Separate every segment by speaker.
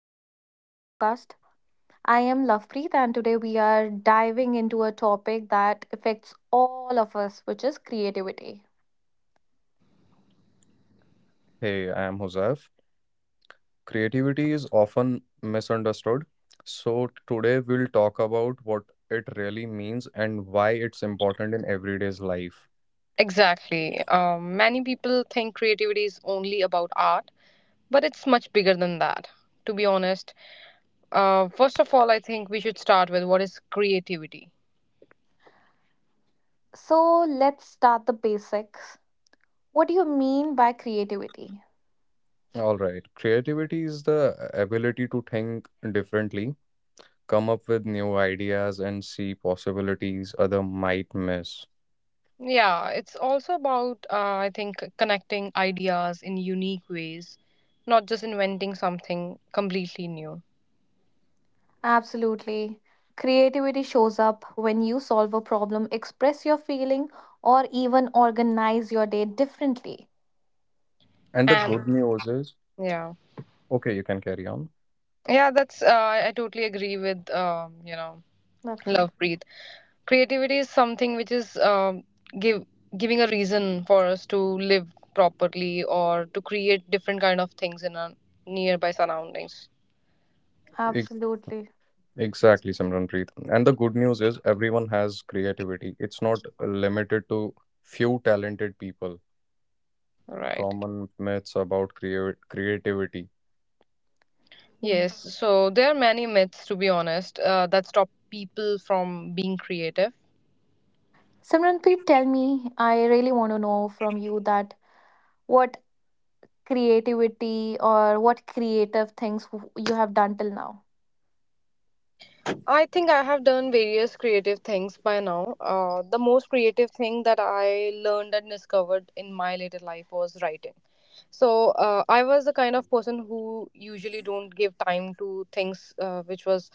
Speaker 1: welcome to our broadcast. I am Lovepreet, and today we are diving into a topic that affects all of us, which is creativity.
Speaker 2: Hey, I am Huzaf. Creativity is often misunderstood. So, today we'll talk about what it really means and why it's important in everyday's life.
Speaker 3: Exactly. Many people think creativity is only about art, but it's much bigger than that, to be honest. First of all, I think we should start with what is creativity?
Speaker 1: So, let's start the basics. What do you mean by creativity?
Speaker 2: All right. Creativity is the ability to think differently, come up with new ideas, and see possibilities other might miss.
Speaker 3: Yeah, it's also about, I think, connecting ideas in unique ways, not just inventing something completely new.
Speaker 1: Absolutely. Creativity shows up when you solve a problem, express your feeling, or even organize your day differently.
Speaker 2: And the
Speaker 3: And
Speaker 2: good news is,
Speaker 3: yeah.
Speaker 2: okay, you can carry on.
Speaker 3: Yeah, that's, I totally agree with
Speaker 1: Lovepreet.
Speaker 3: love Preet. Creativity is something which is give giving a reason for us to live properly or to create different kind of things in our nearby surroundings.
Speaker 2: Ex-
Speaker 1: Absolutely.
Speaker 2: Exactly, Simranpreet. And the good news is, everyone has creativity. It's not limited to few talented people
Speaker 3: Right.
Speaker 2: common myths about creativity.
Speaker 1: Yeah.
Speaker 3: Yes. So there are many myths, to be honest, that stop people from being creative.
Speaker 1: Simranpreet, tell me, I really want to know from you that what creativity or what creative things you have done till now.
Speaker 3: I think I have done various creative things by now. The most creative thing that I learned and discovered in my later life was writing. So I was the kind of person who usually don't give time to things which was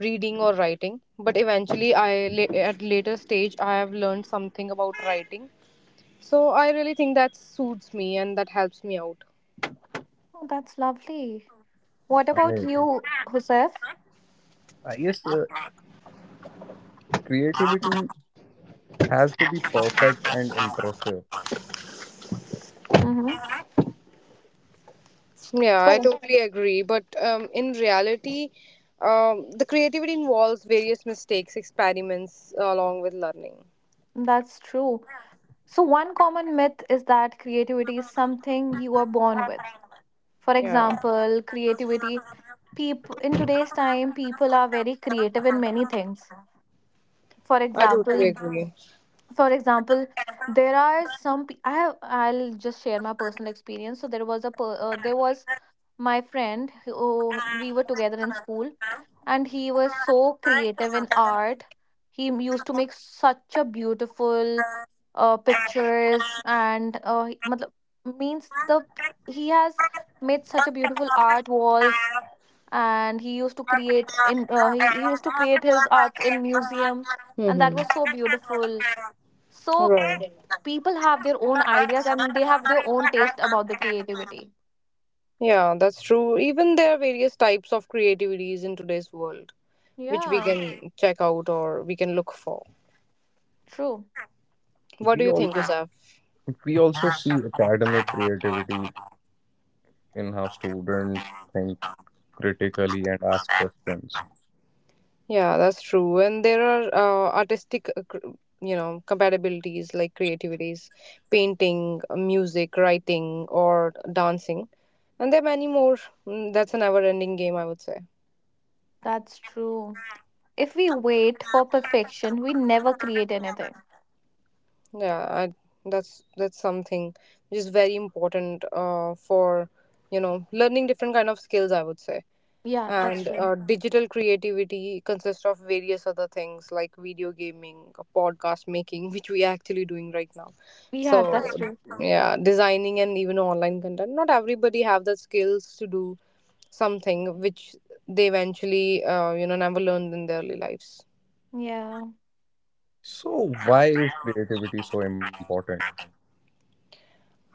Speaker 3: reading or writing. But eventually, at later stage I have learned something about writing. So I really think that suits me and that helps me out.
Speaker 1: Oh, that's lovely. What about
Speaker 2: Amazing.
Speaker 1: you, Husef?
Speaker 2: I guess creativity has to be perfect and impressive.
Speaker 1: Mm-hmm.
Speaker 3: Yeah, I
Speaker 1: So
Speaker 3: totally agree. But in reality, the creativity involves various mistakes, experiments along with learning.
Speaker 1: that's true. So, one common myth is that creativity is something you are born with. For
Speaker 3: Yeah,
Speaker 1: example, creativity, people in today's time, people are very creative in many things. For
Speaker 3: I totally
Speaker 1: example,
Speaker 3: agree.
Speaker 1: for example, there are some. I have. I'll just share my personal experience. So there was a. There was my friend who we were together in school, and he was so creative in art. He used to make such a beautiful pictures, and matlab, means the he has made such a beautiful art walls, and he used to create in he used to create his arts in museum, and that
Speaker 3: Mm-hmm.
Speaker 1: was so beautiful. So
Speaker 3: Right.
Speaker 1: people have their own ideas, and they have their own taste about the creativity.
Speaker 3: Yeah, that's true. Even there are various types of creativities in today's world, which we
Speaker 1: Yeah,
Speaker 3: can check out or we can look for.
Speaker 1: true.
Speaker 3: What do
Speaker 2: We
Speaker 3: you think,
Speaker 2: all
Speaker 3: Usaf?
Speaker 2: we also see academic creativity in how students think critically and ask questions.
Speaker 3: Yeah, that's true. And there are artistic, you know, compatibilities like creativities, painting, music, writing, or dancing. And there are many more. That's a never-ending game, I would say.
Speaker 1: That's true. If we wait for perfection, we never create anything.
Speaker 3: Yeah, I, that's something which is very important for you know, learning different kind of skills, I would say.
Speaker 1: Yeah, that's
Speaker 3: And
Speaker 1: true.
Speaker 3: digital creativity consists of various other things like video gaming, podcast making which we are actually doing right now, so
Speaker 1: Yeah, that's true.
Speaker 3: yeah, designing and even online content. Not everybody have the skills to do something which they eventually, you know, never learned in their early lives.
Speaker 1: Yeah.
Speaker 2: So why is creativity so important?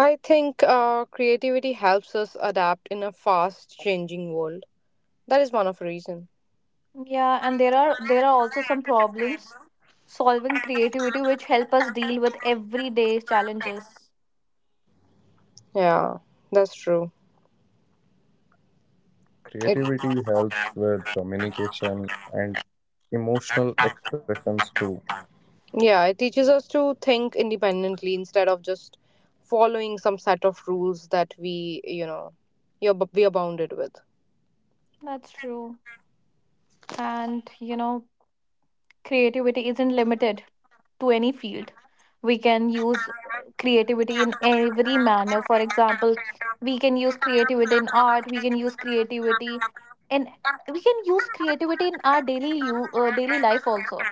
Speaker 3: I think creativity helps us adapt in a fast changing world. That is one of the reason.
Speaker 1: Yeah, and there are also some problems solving creativity which help us deal with everyday challenges.
Speaker 3: Yeah, that's true.
Speaker 2: Creativity helps with communication and emotional expressions too.
Speaker 3: Yeah, it teaches us to think independently instead of just following some set of rules that we, you know, we are bounded with.
Speaker 1: That's true. And you know, creativity isn't limited to any field. We can use creativity in every manner. For example, we can use creativity in art, we can use creativity in, we can use creativity in our daily life also.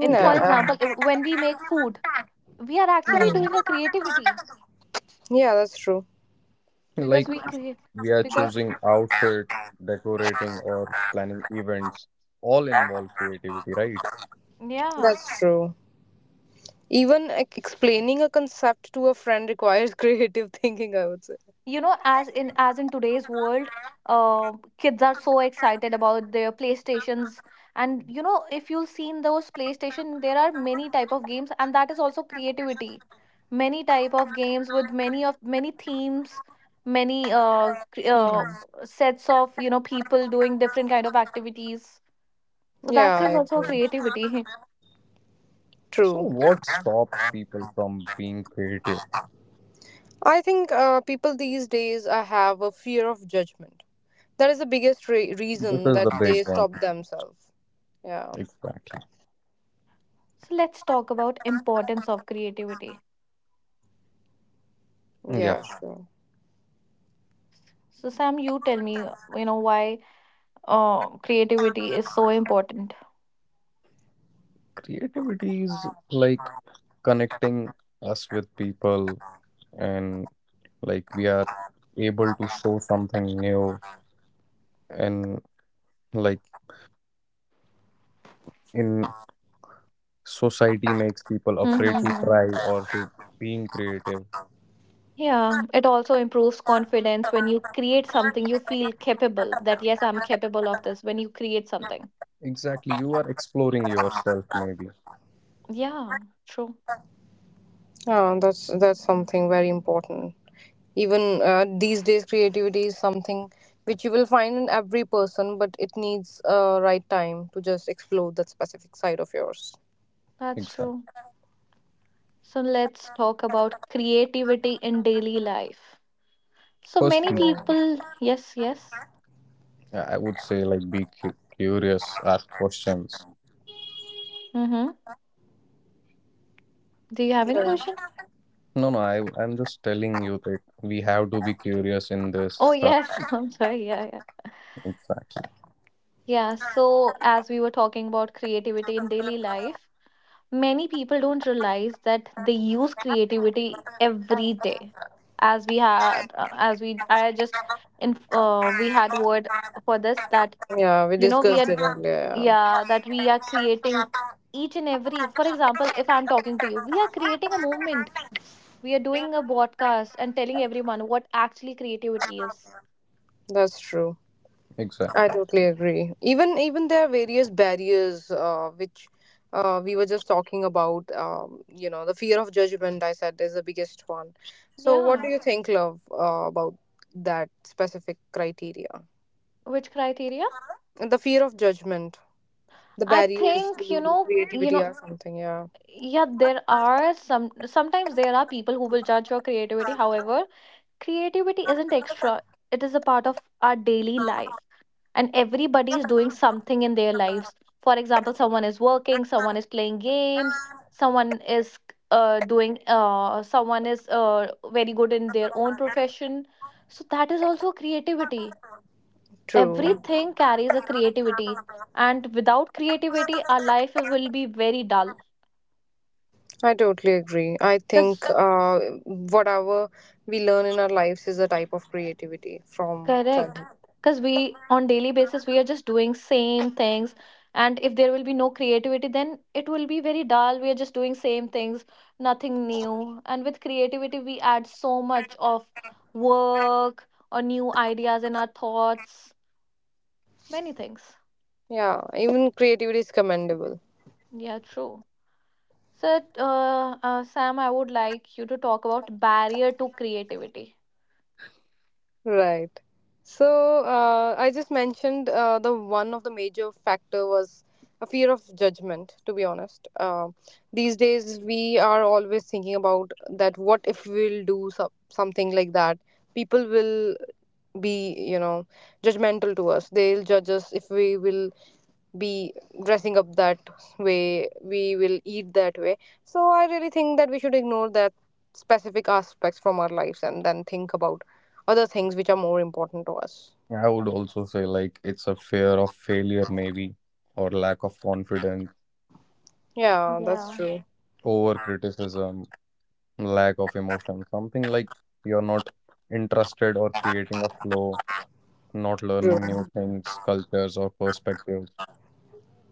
Speaker 1: And for
Speaker 2: Yeah,
Speaker 1: example,
Speaker 3: um,
Speaker 1: when we make food, we are actually
Speaker 3: hmm.
Speaker 1: doing a creativity
Speaker 3: Yeah, that's true.
Speaker 1: because
Speaker 2: like
Speaker 1: we create
Speaker 2: we are
Speaker 1: because,
Speaker 2: choosing outfit, decorating, or planning events. All involve creativity, right?
Speaker 1: yeah,
Speaker 3: That's true. Even like, explaining a concept to a friend requires creative thinking, I would say.
Speaker 1: you know, as in today's world, uh, kids are so excited about their playstations. And you know, if you've seen those playstation, there are many type of games, and that is also creativity. Many type of games with many of many themes, many
Speaker 3: Mhm.
Speaker 1: sets of, you know, people doing different kind of activities, so
Speaker 3: Yeah,
Speaker 1: that's
Speaker 3: I
Speaker 1: just also
Speaker 3: agree.
Speaker 1: creativity
Speaker 2: So,
Speaker 3: True.
Speaker 2: what stops people from being creative?
Speaker 3: I think people these days have a fear of judgment. That is the biggest
Speaker 2: This
Speaker 3: reason
Speaker 2: is
Speaker 3: that
Speaker 2: the big
Speaker 3: they
Speaker 2: one.
Speaker 3: stop themselves. Yeah,
Speaker 2: Exactly.
Speaker 1: so let's talk about importance of creativity.
Speaker 2: Yeah.
Speaker 3: yeah, sure.
Speaker 1: So Sam, you tell me, you know, why creativity is so important.
Speaker 2: Creativity is like connecting us with people, and like we are able to show something new, and like in society makes people afraid to
Speaker 1: Mm-hmm.
Speaker 2: try or to being creative.
Speaker 1: Yeah, it also improves confidence. When you create something, you feel capable that, yes, I'm capable of this when you create something.
Speaker 2: Exactly, you are exploring yourself, maybe.
Speaker 1: Yeah, true.
Speaker 3: That's something very important. Even these days, creativity is something which you will find in every person, but it needs a right time to just explore that specific side of yours.
Speaker 1: That's
Speaker 2: Exactly.
Speaker 1: true. So let's talk about creativity in daily life. So many
Speaker 2: First,
Speaker 3: Yeah.
Speaker 1: people, yes, yes.
Speaker 2: I would say like be curious, ask questions.
Speaker 1: Mm-hmm. Do you have any
Speaker 3: Yeah.
Speaker 1: question?
Speaker 2: No, no, I'm just telling you that we have to be curious in this
Speaker 1: Oh,
Speaker 2: stuff.
Speaker 1: yes. I'm sorry. Yeah, yeah.
Speaker 2: Exactly,
Speaker 1: Yeah. So, as we were talking about creativity in daily life, many people don't realize that they use creativity every day, as we had as we I just in we had word for this that,
Speaker 3: Yeah, we
Speaker 1: you know, we
Speaker 3: discussed
Speaker 1: are,
Speaker 3: it earlier. Yeah,
Speaker 1: yeah, that we are creating each and every. For example, if I'm talking to you, we are creating a movement. We are doing a broadcast and telling everyone what actually creativity is.
Speaker 3: that's true. I
Speaker 2: exactly.
Speaker 3: totally agree. Even even there are various barriers which we were just talking about. You know, the fear of judgment. I said is the biggest one. So, what do
Speaker 1: Yeah.
Speaker 3: you think, love, about that specific criteria?
Speaker 1: Which criteria?
Speaker 3: The fear of judgment, the
Speaker 1: I
Speaker 3: barriers
Speaker 1: think,
Speaker 3: to
Speaker 1: you
Speaker 3: creativity
Speaker 1: know,
Speaker 3: or something. Yeah,
Speaker 1: yeah, there are some sometimes there are people who will judge your creativity. However, creativity isn't extra, it is a part of our daily life. And everybody is doing something in their lives. For example, someone is working, someone is playing games, someone is someone is very good in their own profession. So that is also creativity.
Speaker 3: true.
Speaker 1: Everything carries a creativity. And without creativity, our life will be very dull.
Speaker 3: I totally agree. I
Speaker 1: Yes.
Speaker 3: think whatever we learn in our lives is a type of creativity from
Speaker 1: Correct.
Speaker 3: childhood.
Speaker 1: Because we, on daily basis, we are just doing same things. And if there will be no creativity, then it will be very dull. We are just doing same things, nothing new. And with creativity, we add so much of work or new ideas in our thoughts, many things.
Speaker 3: Yeah, even creativity is commendable.
Speaker 1: Yeah, true. So, Sam, I would like you to talk about barrier to creativity.
Speaker 3: Right. So I just mentioned the one of the major factor was a fear of judgment. To be honest, these days we are always thinking about that. What if we'll do some, something like that? People will be, you know, judgmental to us. They'll judge us if we will be dressing up that way, we will eat that way. So I really think that we should ignore that specific aspects from our lives and then think about other things which are more important to us.
Speaker 2: I would also say like it's a fear of failure, maybe, or lack of confidence,
Speaker 3: Yeah, that's
Speaker 1: Yeah.
Speaker 3: true.
Speaker 2: over criticism, lack of emotion, something like you're not interested or creating a flow, not learning
Speaker 3: True.
Speaker 2: new things, cultures, or perspectives.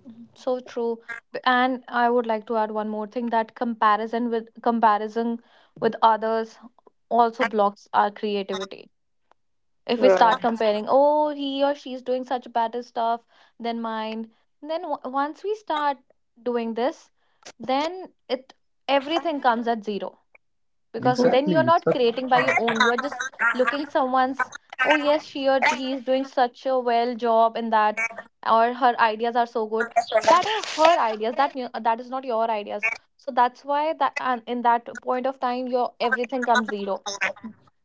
Speaker 1: Mhm. So true. And I would like to add one more thing, that comparison with others also blocks our creativity. If we start
Speaker 3: Right.
Speaker 1: comparing, oh, he or she is doing such better stuff than mine, then w once we start doing this, then it, everything comes at zero, because then
Speaker 2: Exactly.
Speaker 1: you're
Speaker 2: It's
Speaker 1: not
Speaker 2: a
Speaker 1: creating by your own, you're just looking someone's. Oh yes, she or he is doing such a well job in that, or her ideas are so good. That are her ideas, that is not your ideas. So that's why that, and in that point of time your everything comes zero,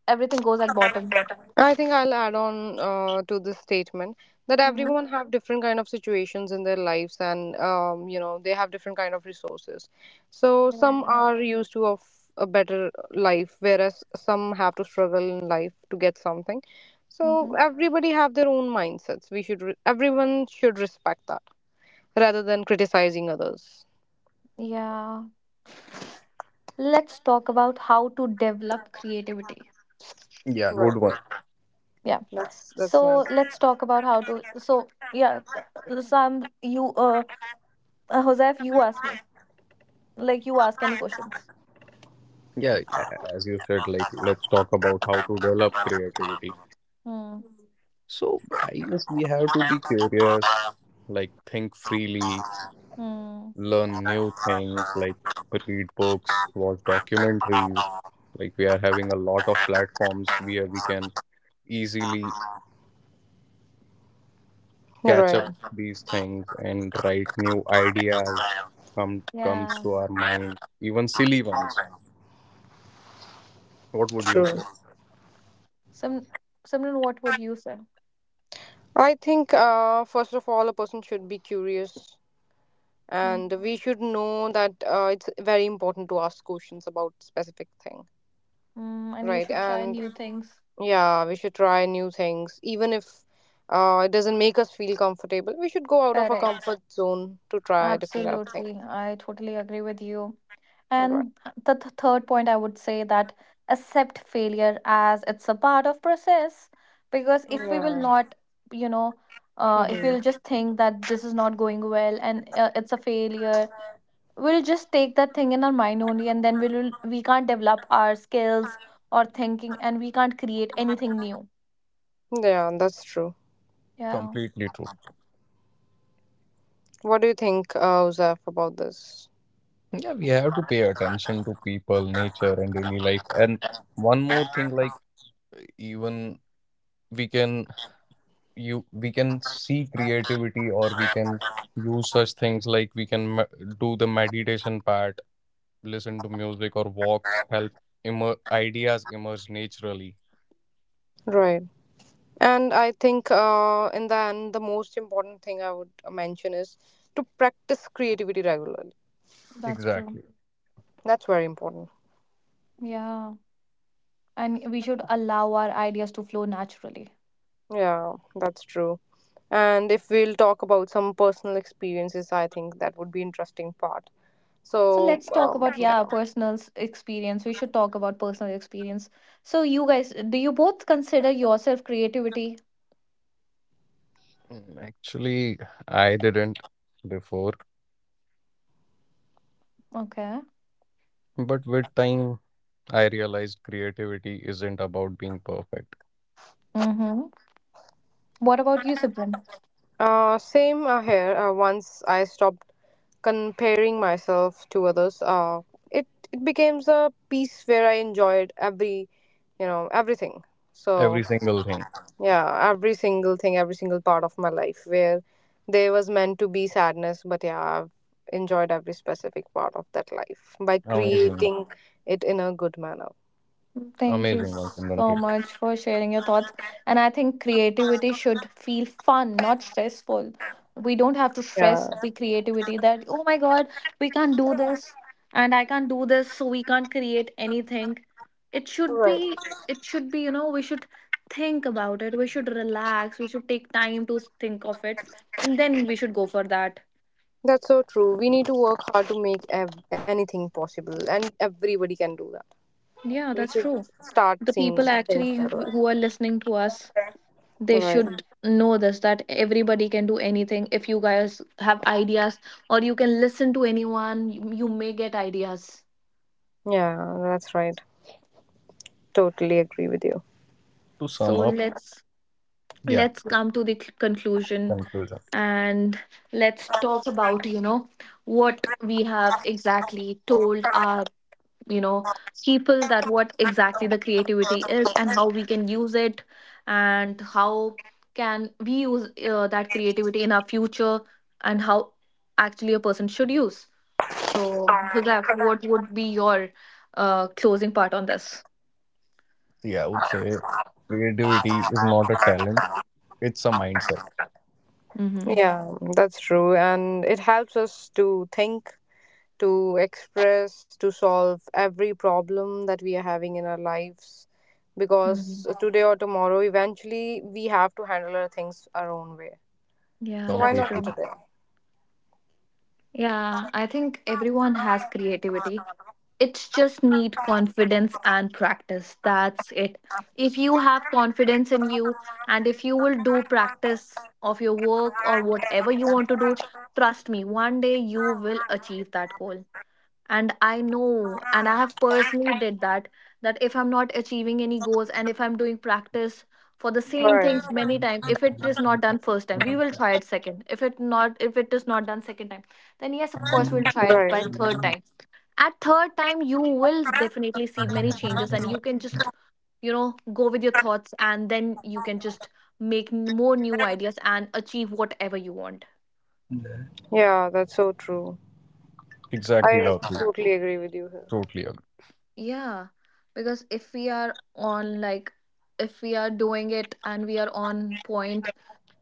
Speaker 1: everything goes at bottom.
Speaker 3: I think I'll add on to this statement that
Speaker 1: Mm-hmm.
Speaker 3: everyone have different kind of situations in their lives, and you know they have different kind of resources. So some
Speaker 1: Yeah.
Speaker 3: are used to of a better life, whereas some have to struggle in life to get something. So
Speaker 1: Mm-hmm.
Speaker 3: everybody have their own mindsets. Everyone should respect that rather than criticizing others.
Speaker 1: Yeah, let's talk about how to develop creativity.
Speaker 2: yeah,
Speaker 3: Right.
Speaker 2: good one.
Speaker 1: Yeah, so
Speaker 3: That's nice.
Speaker 1: let's talk about how to, so yeah, th- some you uh, Josef, you ask me. Like you ask any questions.
Speaker 2: Yeah, as you said, like let's talk about how to develop creativity.
Speaker 1: Hmm.
Speaker 2: So I guess we have to be curious, like think freely,
Speaker 1: Hmm.
Speaker 2: learn new things, like read books, watch documentaries. Like we are having a lot of platforms where we can easily catch
Speaker 3: Right.
Speaker 2: up these things and write new ideas comes
Speaker 1: Yeah.
Speaker 2: to our mind, even silly ones. What would you
Speaker 3: True.
Speaker 2: say?
Speaker 1: Some, Simran, what would you say?
Speaker 3: I think first of all, a person should be curious
Speaker 1: Hmm.
Speaker 3: and we should know that it's very important to ask questions about specific thing.
Speaker 1: Hmm. And you
Speaker 3: Right.
Speaker 1: should try
Speaker 3: And
Speaker 1: new things.
Speaker 3: yeah, we should try new things, even if it doesn't make us feel comfortable. We should go out of our
Speaker 1: Correct.
Speaker 3: comfort zone to try different apps.
Speaker 1: Absolutely. I totally agree with you.
Speaker 3: Right.
Speaker 1: And third point I would say that accept failure as it's a part of process, because if we will
Speaker 3: Yeah.
Speaker 1: not, you know, if we'll
Speaker 3: Hmm.
Speaker 1: just think that this is not going well and it's a failure, we'll just take that thing in our mind only, and then we will, we can't develop our skills or thinking, and we can't create anything new.
Speaker 3: Yeah, that's true.
Speaker 1: Yeah,
Speaker 2: Completely true.
Speaker 3: What do you think, Uzaf, about this?
Speaker 2: Yeah, we have to pay attention to people, nature, and daily life. And one more thing, like even we can you we can see creativity, or we can use such things like we can do the meditation part, listen to music, or walks help immer ideas emerge naturally.
Speaker 3: Right. And I think in the end the most important thing I would mention is to practice creativity regularly.
Speaker 1: that's true.
Speaker 2: Exactly.
Speaker 3: That's very important.
Speaker 1: Yeah, and we should allow our ideas to flow naturally.
Speaker 3: Yeah, that's true. And if we'll talk about some personal experiences, I think that would be interesting part.
Speaker 1: So
Speaker 3: So
Speaker 1: let's talk about, yeah,
Speaker 3: yeah.
Speaker 1: personal experience. We should talk about personal experience. So you guys, do you both consider yourself creativity?
Speaker 2: Mm, actually, I didn't before,
Speaker 1: Okay.
Speaker 2: but with time, I realized creativity isn't about being perfect.
Speaker 1: Mm-hmm. What about you, Sibrin?
Speaker 3: Same here. Once I stopped comparing myself to others, it it becomes a piece where I enjoyed every, you know, everything.
Speaker 2: Every
Speaker 3: So
Speaker 2: single thing.
Speaker 3: yeah, every single thing, every single part of my life where there was meant to be sadness. But yeah, I've enjoyed every specific part of that life by
Speaker 2: Amazing.
Speaker 3: creating it in a good manner.
Speaker 1: Thank you
Speaker 2: Amazing one, Simran.
Speaker 1: so
Speaker 2: Please.
Speaker 1: much for sharing your thoughts. And I think creativity should feel fun, not stressful. We don't have to
Speaker 3: Yeah.
Speaker 1: stress the creativity that, oh my God, we can't do this and I can't do this, so we can't create anything. It should
Speaker 3: Right.
Speaker 1: be, it should be, you know, we should think about it. We should relax. We should take time to think of it. And then we should go for that.
Speaker 3: That's so true. We need to work hard to make anything possible, and everybody can do that.
Speaker 1: Yeah,
Speaker 3: We
Speaker 1: that's
Speaker 3: should
Speaker 1: true.
Speaker 3: start
Speaker 1: The
Speaker 3: seeing
Speaker 1: people
Speaker 3: things
Speaker 1: actually
Speaker 3: that
Speaker 1: who
Speaker 3: way.
Speaker 1: who are listening to us, they
Speaker 3: Right.
Speaker 1: should know this, that everybody can do anything. If you guys have ideas, or you can listen to anyone, you may get ideas.
Speaker 3: Yeah, that's right. Totally agree with you.
Speaker 2: To
Speaker 1: So
Speaker 2: sum up, yeah,
Speaker 1: let's come to the conclusion,
Speaker 2: conclusion.
Speaker 1: and let's talk about, you know, what we have exactly told our, you know, people, that what exactly the creativity is and how we can use it, and how can we use that creativity in our future, and how actually a person should use. So Hudak, what would be your closing part on this?
Speaker 2: See, I would say creativity is not a talent, it's a mindset.
Speaker 1: Mm-hmm.
Speaker 3: Yeah, that's true. And it helps us to think, to express, to solve every problem that we are having in our lives. Because
Speaker 1: Mhm.
Speaker 3: today or tomorrow, eventually, we have to handle our things our own way.
Speaker 1: Yeah,
Speaker 3: So why
Speaker 1: that's
Speaker 2: Completely.
Speaker 3: not
Speaker 1: true.
Speaker 3: today?
Speaker 1: Yeah, I think everyone has creativity. It's just need confidence and practice, that's it. If you have confidence in you, and if you will do practice of your work or whatever you want to do, trust me, one day you will achieve that goal. And I know, and I have personally did that, that if I'm not achieving any goals and if I'm doing practice for the same
Speaker 3: Right.
Speaker 1: things many times, if it is not done first time we will try it second, if it not, if it is not done second time, then yes, of course, we'll try it
Speaker 3: Right.
Speaker 1: by third time. At third time you will definitely see many changes, and you can just, you know, go with your thoughts, and then you can just make more new ideas and achieve whatever you want.
Speaker 3: Yeah, that's so true.
Speaker 2: Exactly,
Speaker 3: I
Speaker 2: lovely.
Speaker 3: totally agree with you here.
Speaker 2: Totally agree.
Speaker 1: Yeah, because if we are on like, if we are doing it and we are on point,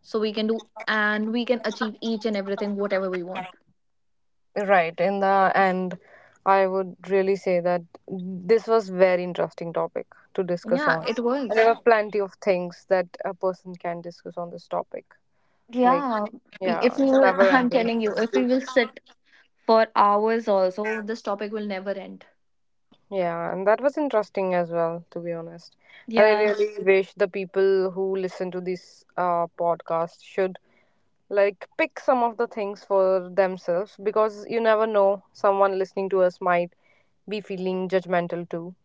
Speaker 1: so we can do and we can achieve each and everything whatever we want.
Speaker 3: Right. In the end, I would really say that this was very interesting topic to discuss
Speaker 1: Yeah,
Speaker 3: on.
Speaker 1: it
Speaker 3: And there
Speaker 1: was.
Speaker 3: are plenty of things that a person can discuss on this topic. Like,
Speaker 1: Yeah,
Speaker 3: yeah,
Speaker 1: if we
Speaker 3: it's a
Speaker 1: will
Speaker 3: never
Speaker 1: I'm
Speaker 3: ending.
Speaker 1: telling you, if we will sit for hours also, this topic will never end.
Speaker 3: Yeah, and that was interesting as well, to be honest. And I
Speaker 1: Yeah.
Speaker 3: really wish the people who listen to this podcast should like pick some of the things for themselves, because you never know, someone listening to us might be feeling judgmental too.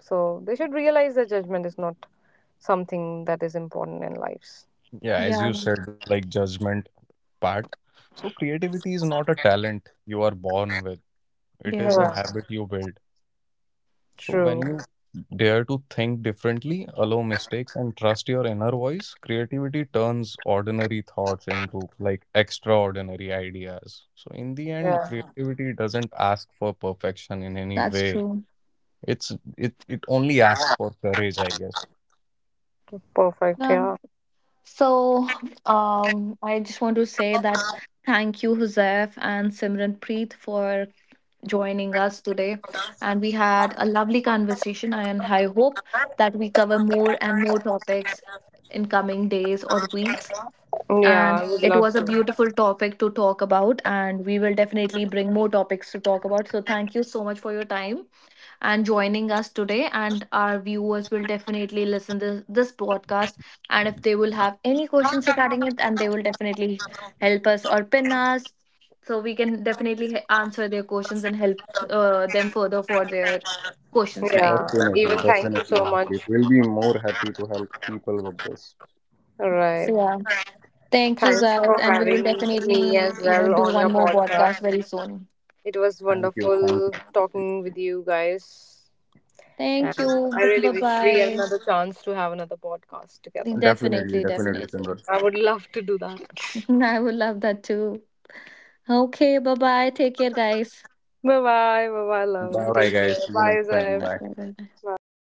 Speaker 3: So they should realize that judgment is not something that is important in lives.
Speaker 2: Yeah, as
Speaker 1: Yeah,
Speaker 2: you said, like judgment part. So, creativity is not a talent you are born with, it is
Speaker 1: yeah,
Speaker 2: a
Speaker 3: Yeah,
Speaker 2: habit you build. So
Speaker 3: true.
Speaker 2: when you dare to think differently, allow mistakes, and trust your inner voice, creativity turns ordinary thoughts into like extraordinary ideas. So in the end,
Speaker 3: Yeah,
Speaker 2: creativity doesn't ask for perfection in any
Speaker 1: that's
Speaker 2: way.
Speaker 1: true.
Speaker 2: It's it only asks for courage, I guess.
Speaker 3: perfect,
Speaker 1: Yeah.
Speaker 3: yeah.
Speaker 1: So, I just want to say that thank you, Huzef and Simran Preet, for joining us today. And we had a lovely conversation, and I hope that we cover more and more topics in coming days or weeks.
Speaker 3: Yeah, I
Speaker 1: And
Speaker 3: would
Speaker 1: it
Speaker 3: love
Speaker 1: was a
Speaker 3: to.
Speaker 1: beautiful topic to talk about, and we will definitely bring more topics to talk about. So, thank you so much for your time and joining us today. And our viewers will definitely listen to this podcast, and if they will have any questions regarding it, and they will definitely help us or pin us, so we can definitely answer their questions and help them further for their questions, right?
Speaker 3: Yeah,
Speaker 2: Definitely,
Speaker 3: even thank you
Speaker 2: definitely,
Speaker 3: so
Speaker 2: Lockheed.
Speaker 3: much.
Speaker 2: We'll be more happy to help people with this.
Speaker 3: All right.
Speaker 1: So yeah, thank you
Speaker 3: Thanks
Speaker 1: guys,
Speaker 3: for
Speaker 1: and we will
Speaker 3: having me
Speaker 1: definitely,
Speaker 3: as
Speaker 1: you know,
Speaker 3: well
Speaker 1: do
Speaker 3: on your
Speaker 1: one more podcast
Speaker 3: podcast.
Speaker 1: very soon.
Speaker 3: It was
Speaker 2: Thank you, thank you.
Speaker 3: wonderful talking with you guys. And
Speaker 1: Thank you,
Speaker 3: I really
Speaker 1: bye
Speaker 3: wish we get
Speaker 1: bye.
Speaker 3: another chance to have another podcast together.
Speaker 2: Definitely,
Speaker 1: Definitely,
Speaker 2: definitely,
Speaker 1: definitely.
Speaker 2: Simran.
Speaker 3: I would love to do that.
Speaker 1: I would love that too. Okay, bye bye, take care guys.
Speaker 3: Bye bye. Bye bye,
Speaker 2: Bye
Speaker 3: love.
Speaker 1: Wait a
Speaker 2: bye,
Speaker 3: Take
Speaker 1: minute.
Speaker 2: guys.
Speaker 3: care.
Speaker 2: See you
Speaker 3: Bye,
Speaker 2: next time.
Speaker 3: Zeph.
Speaker 2: Bye.
Speaker 1: Wait a
Speaker 3: Bye bye.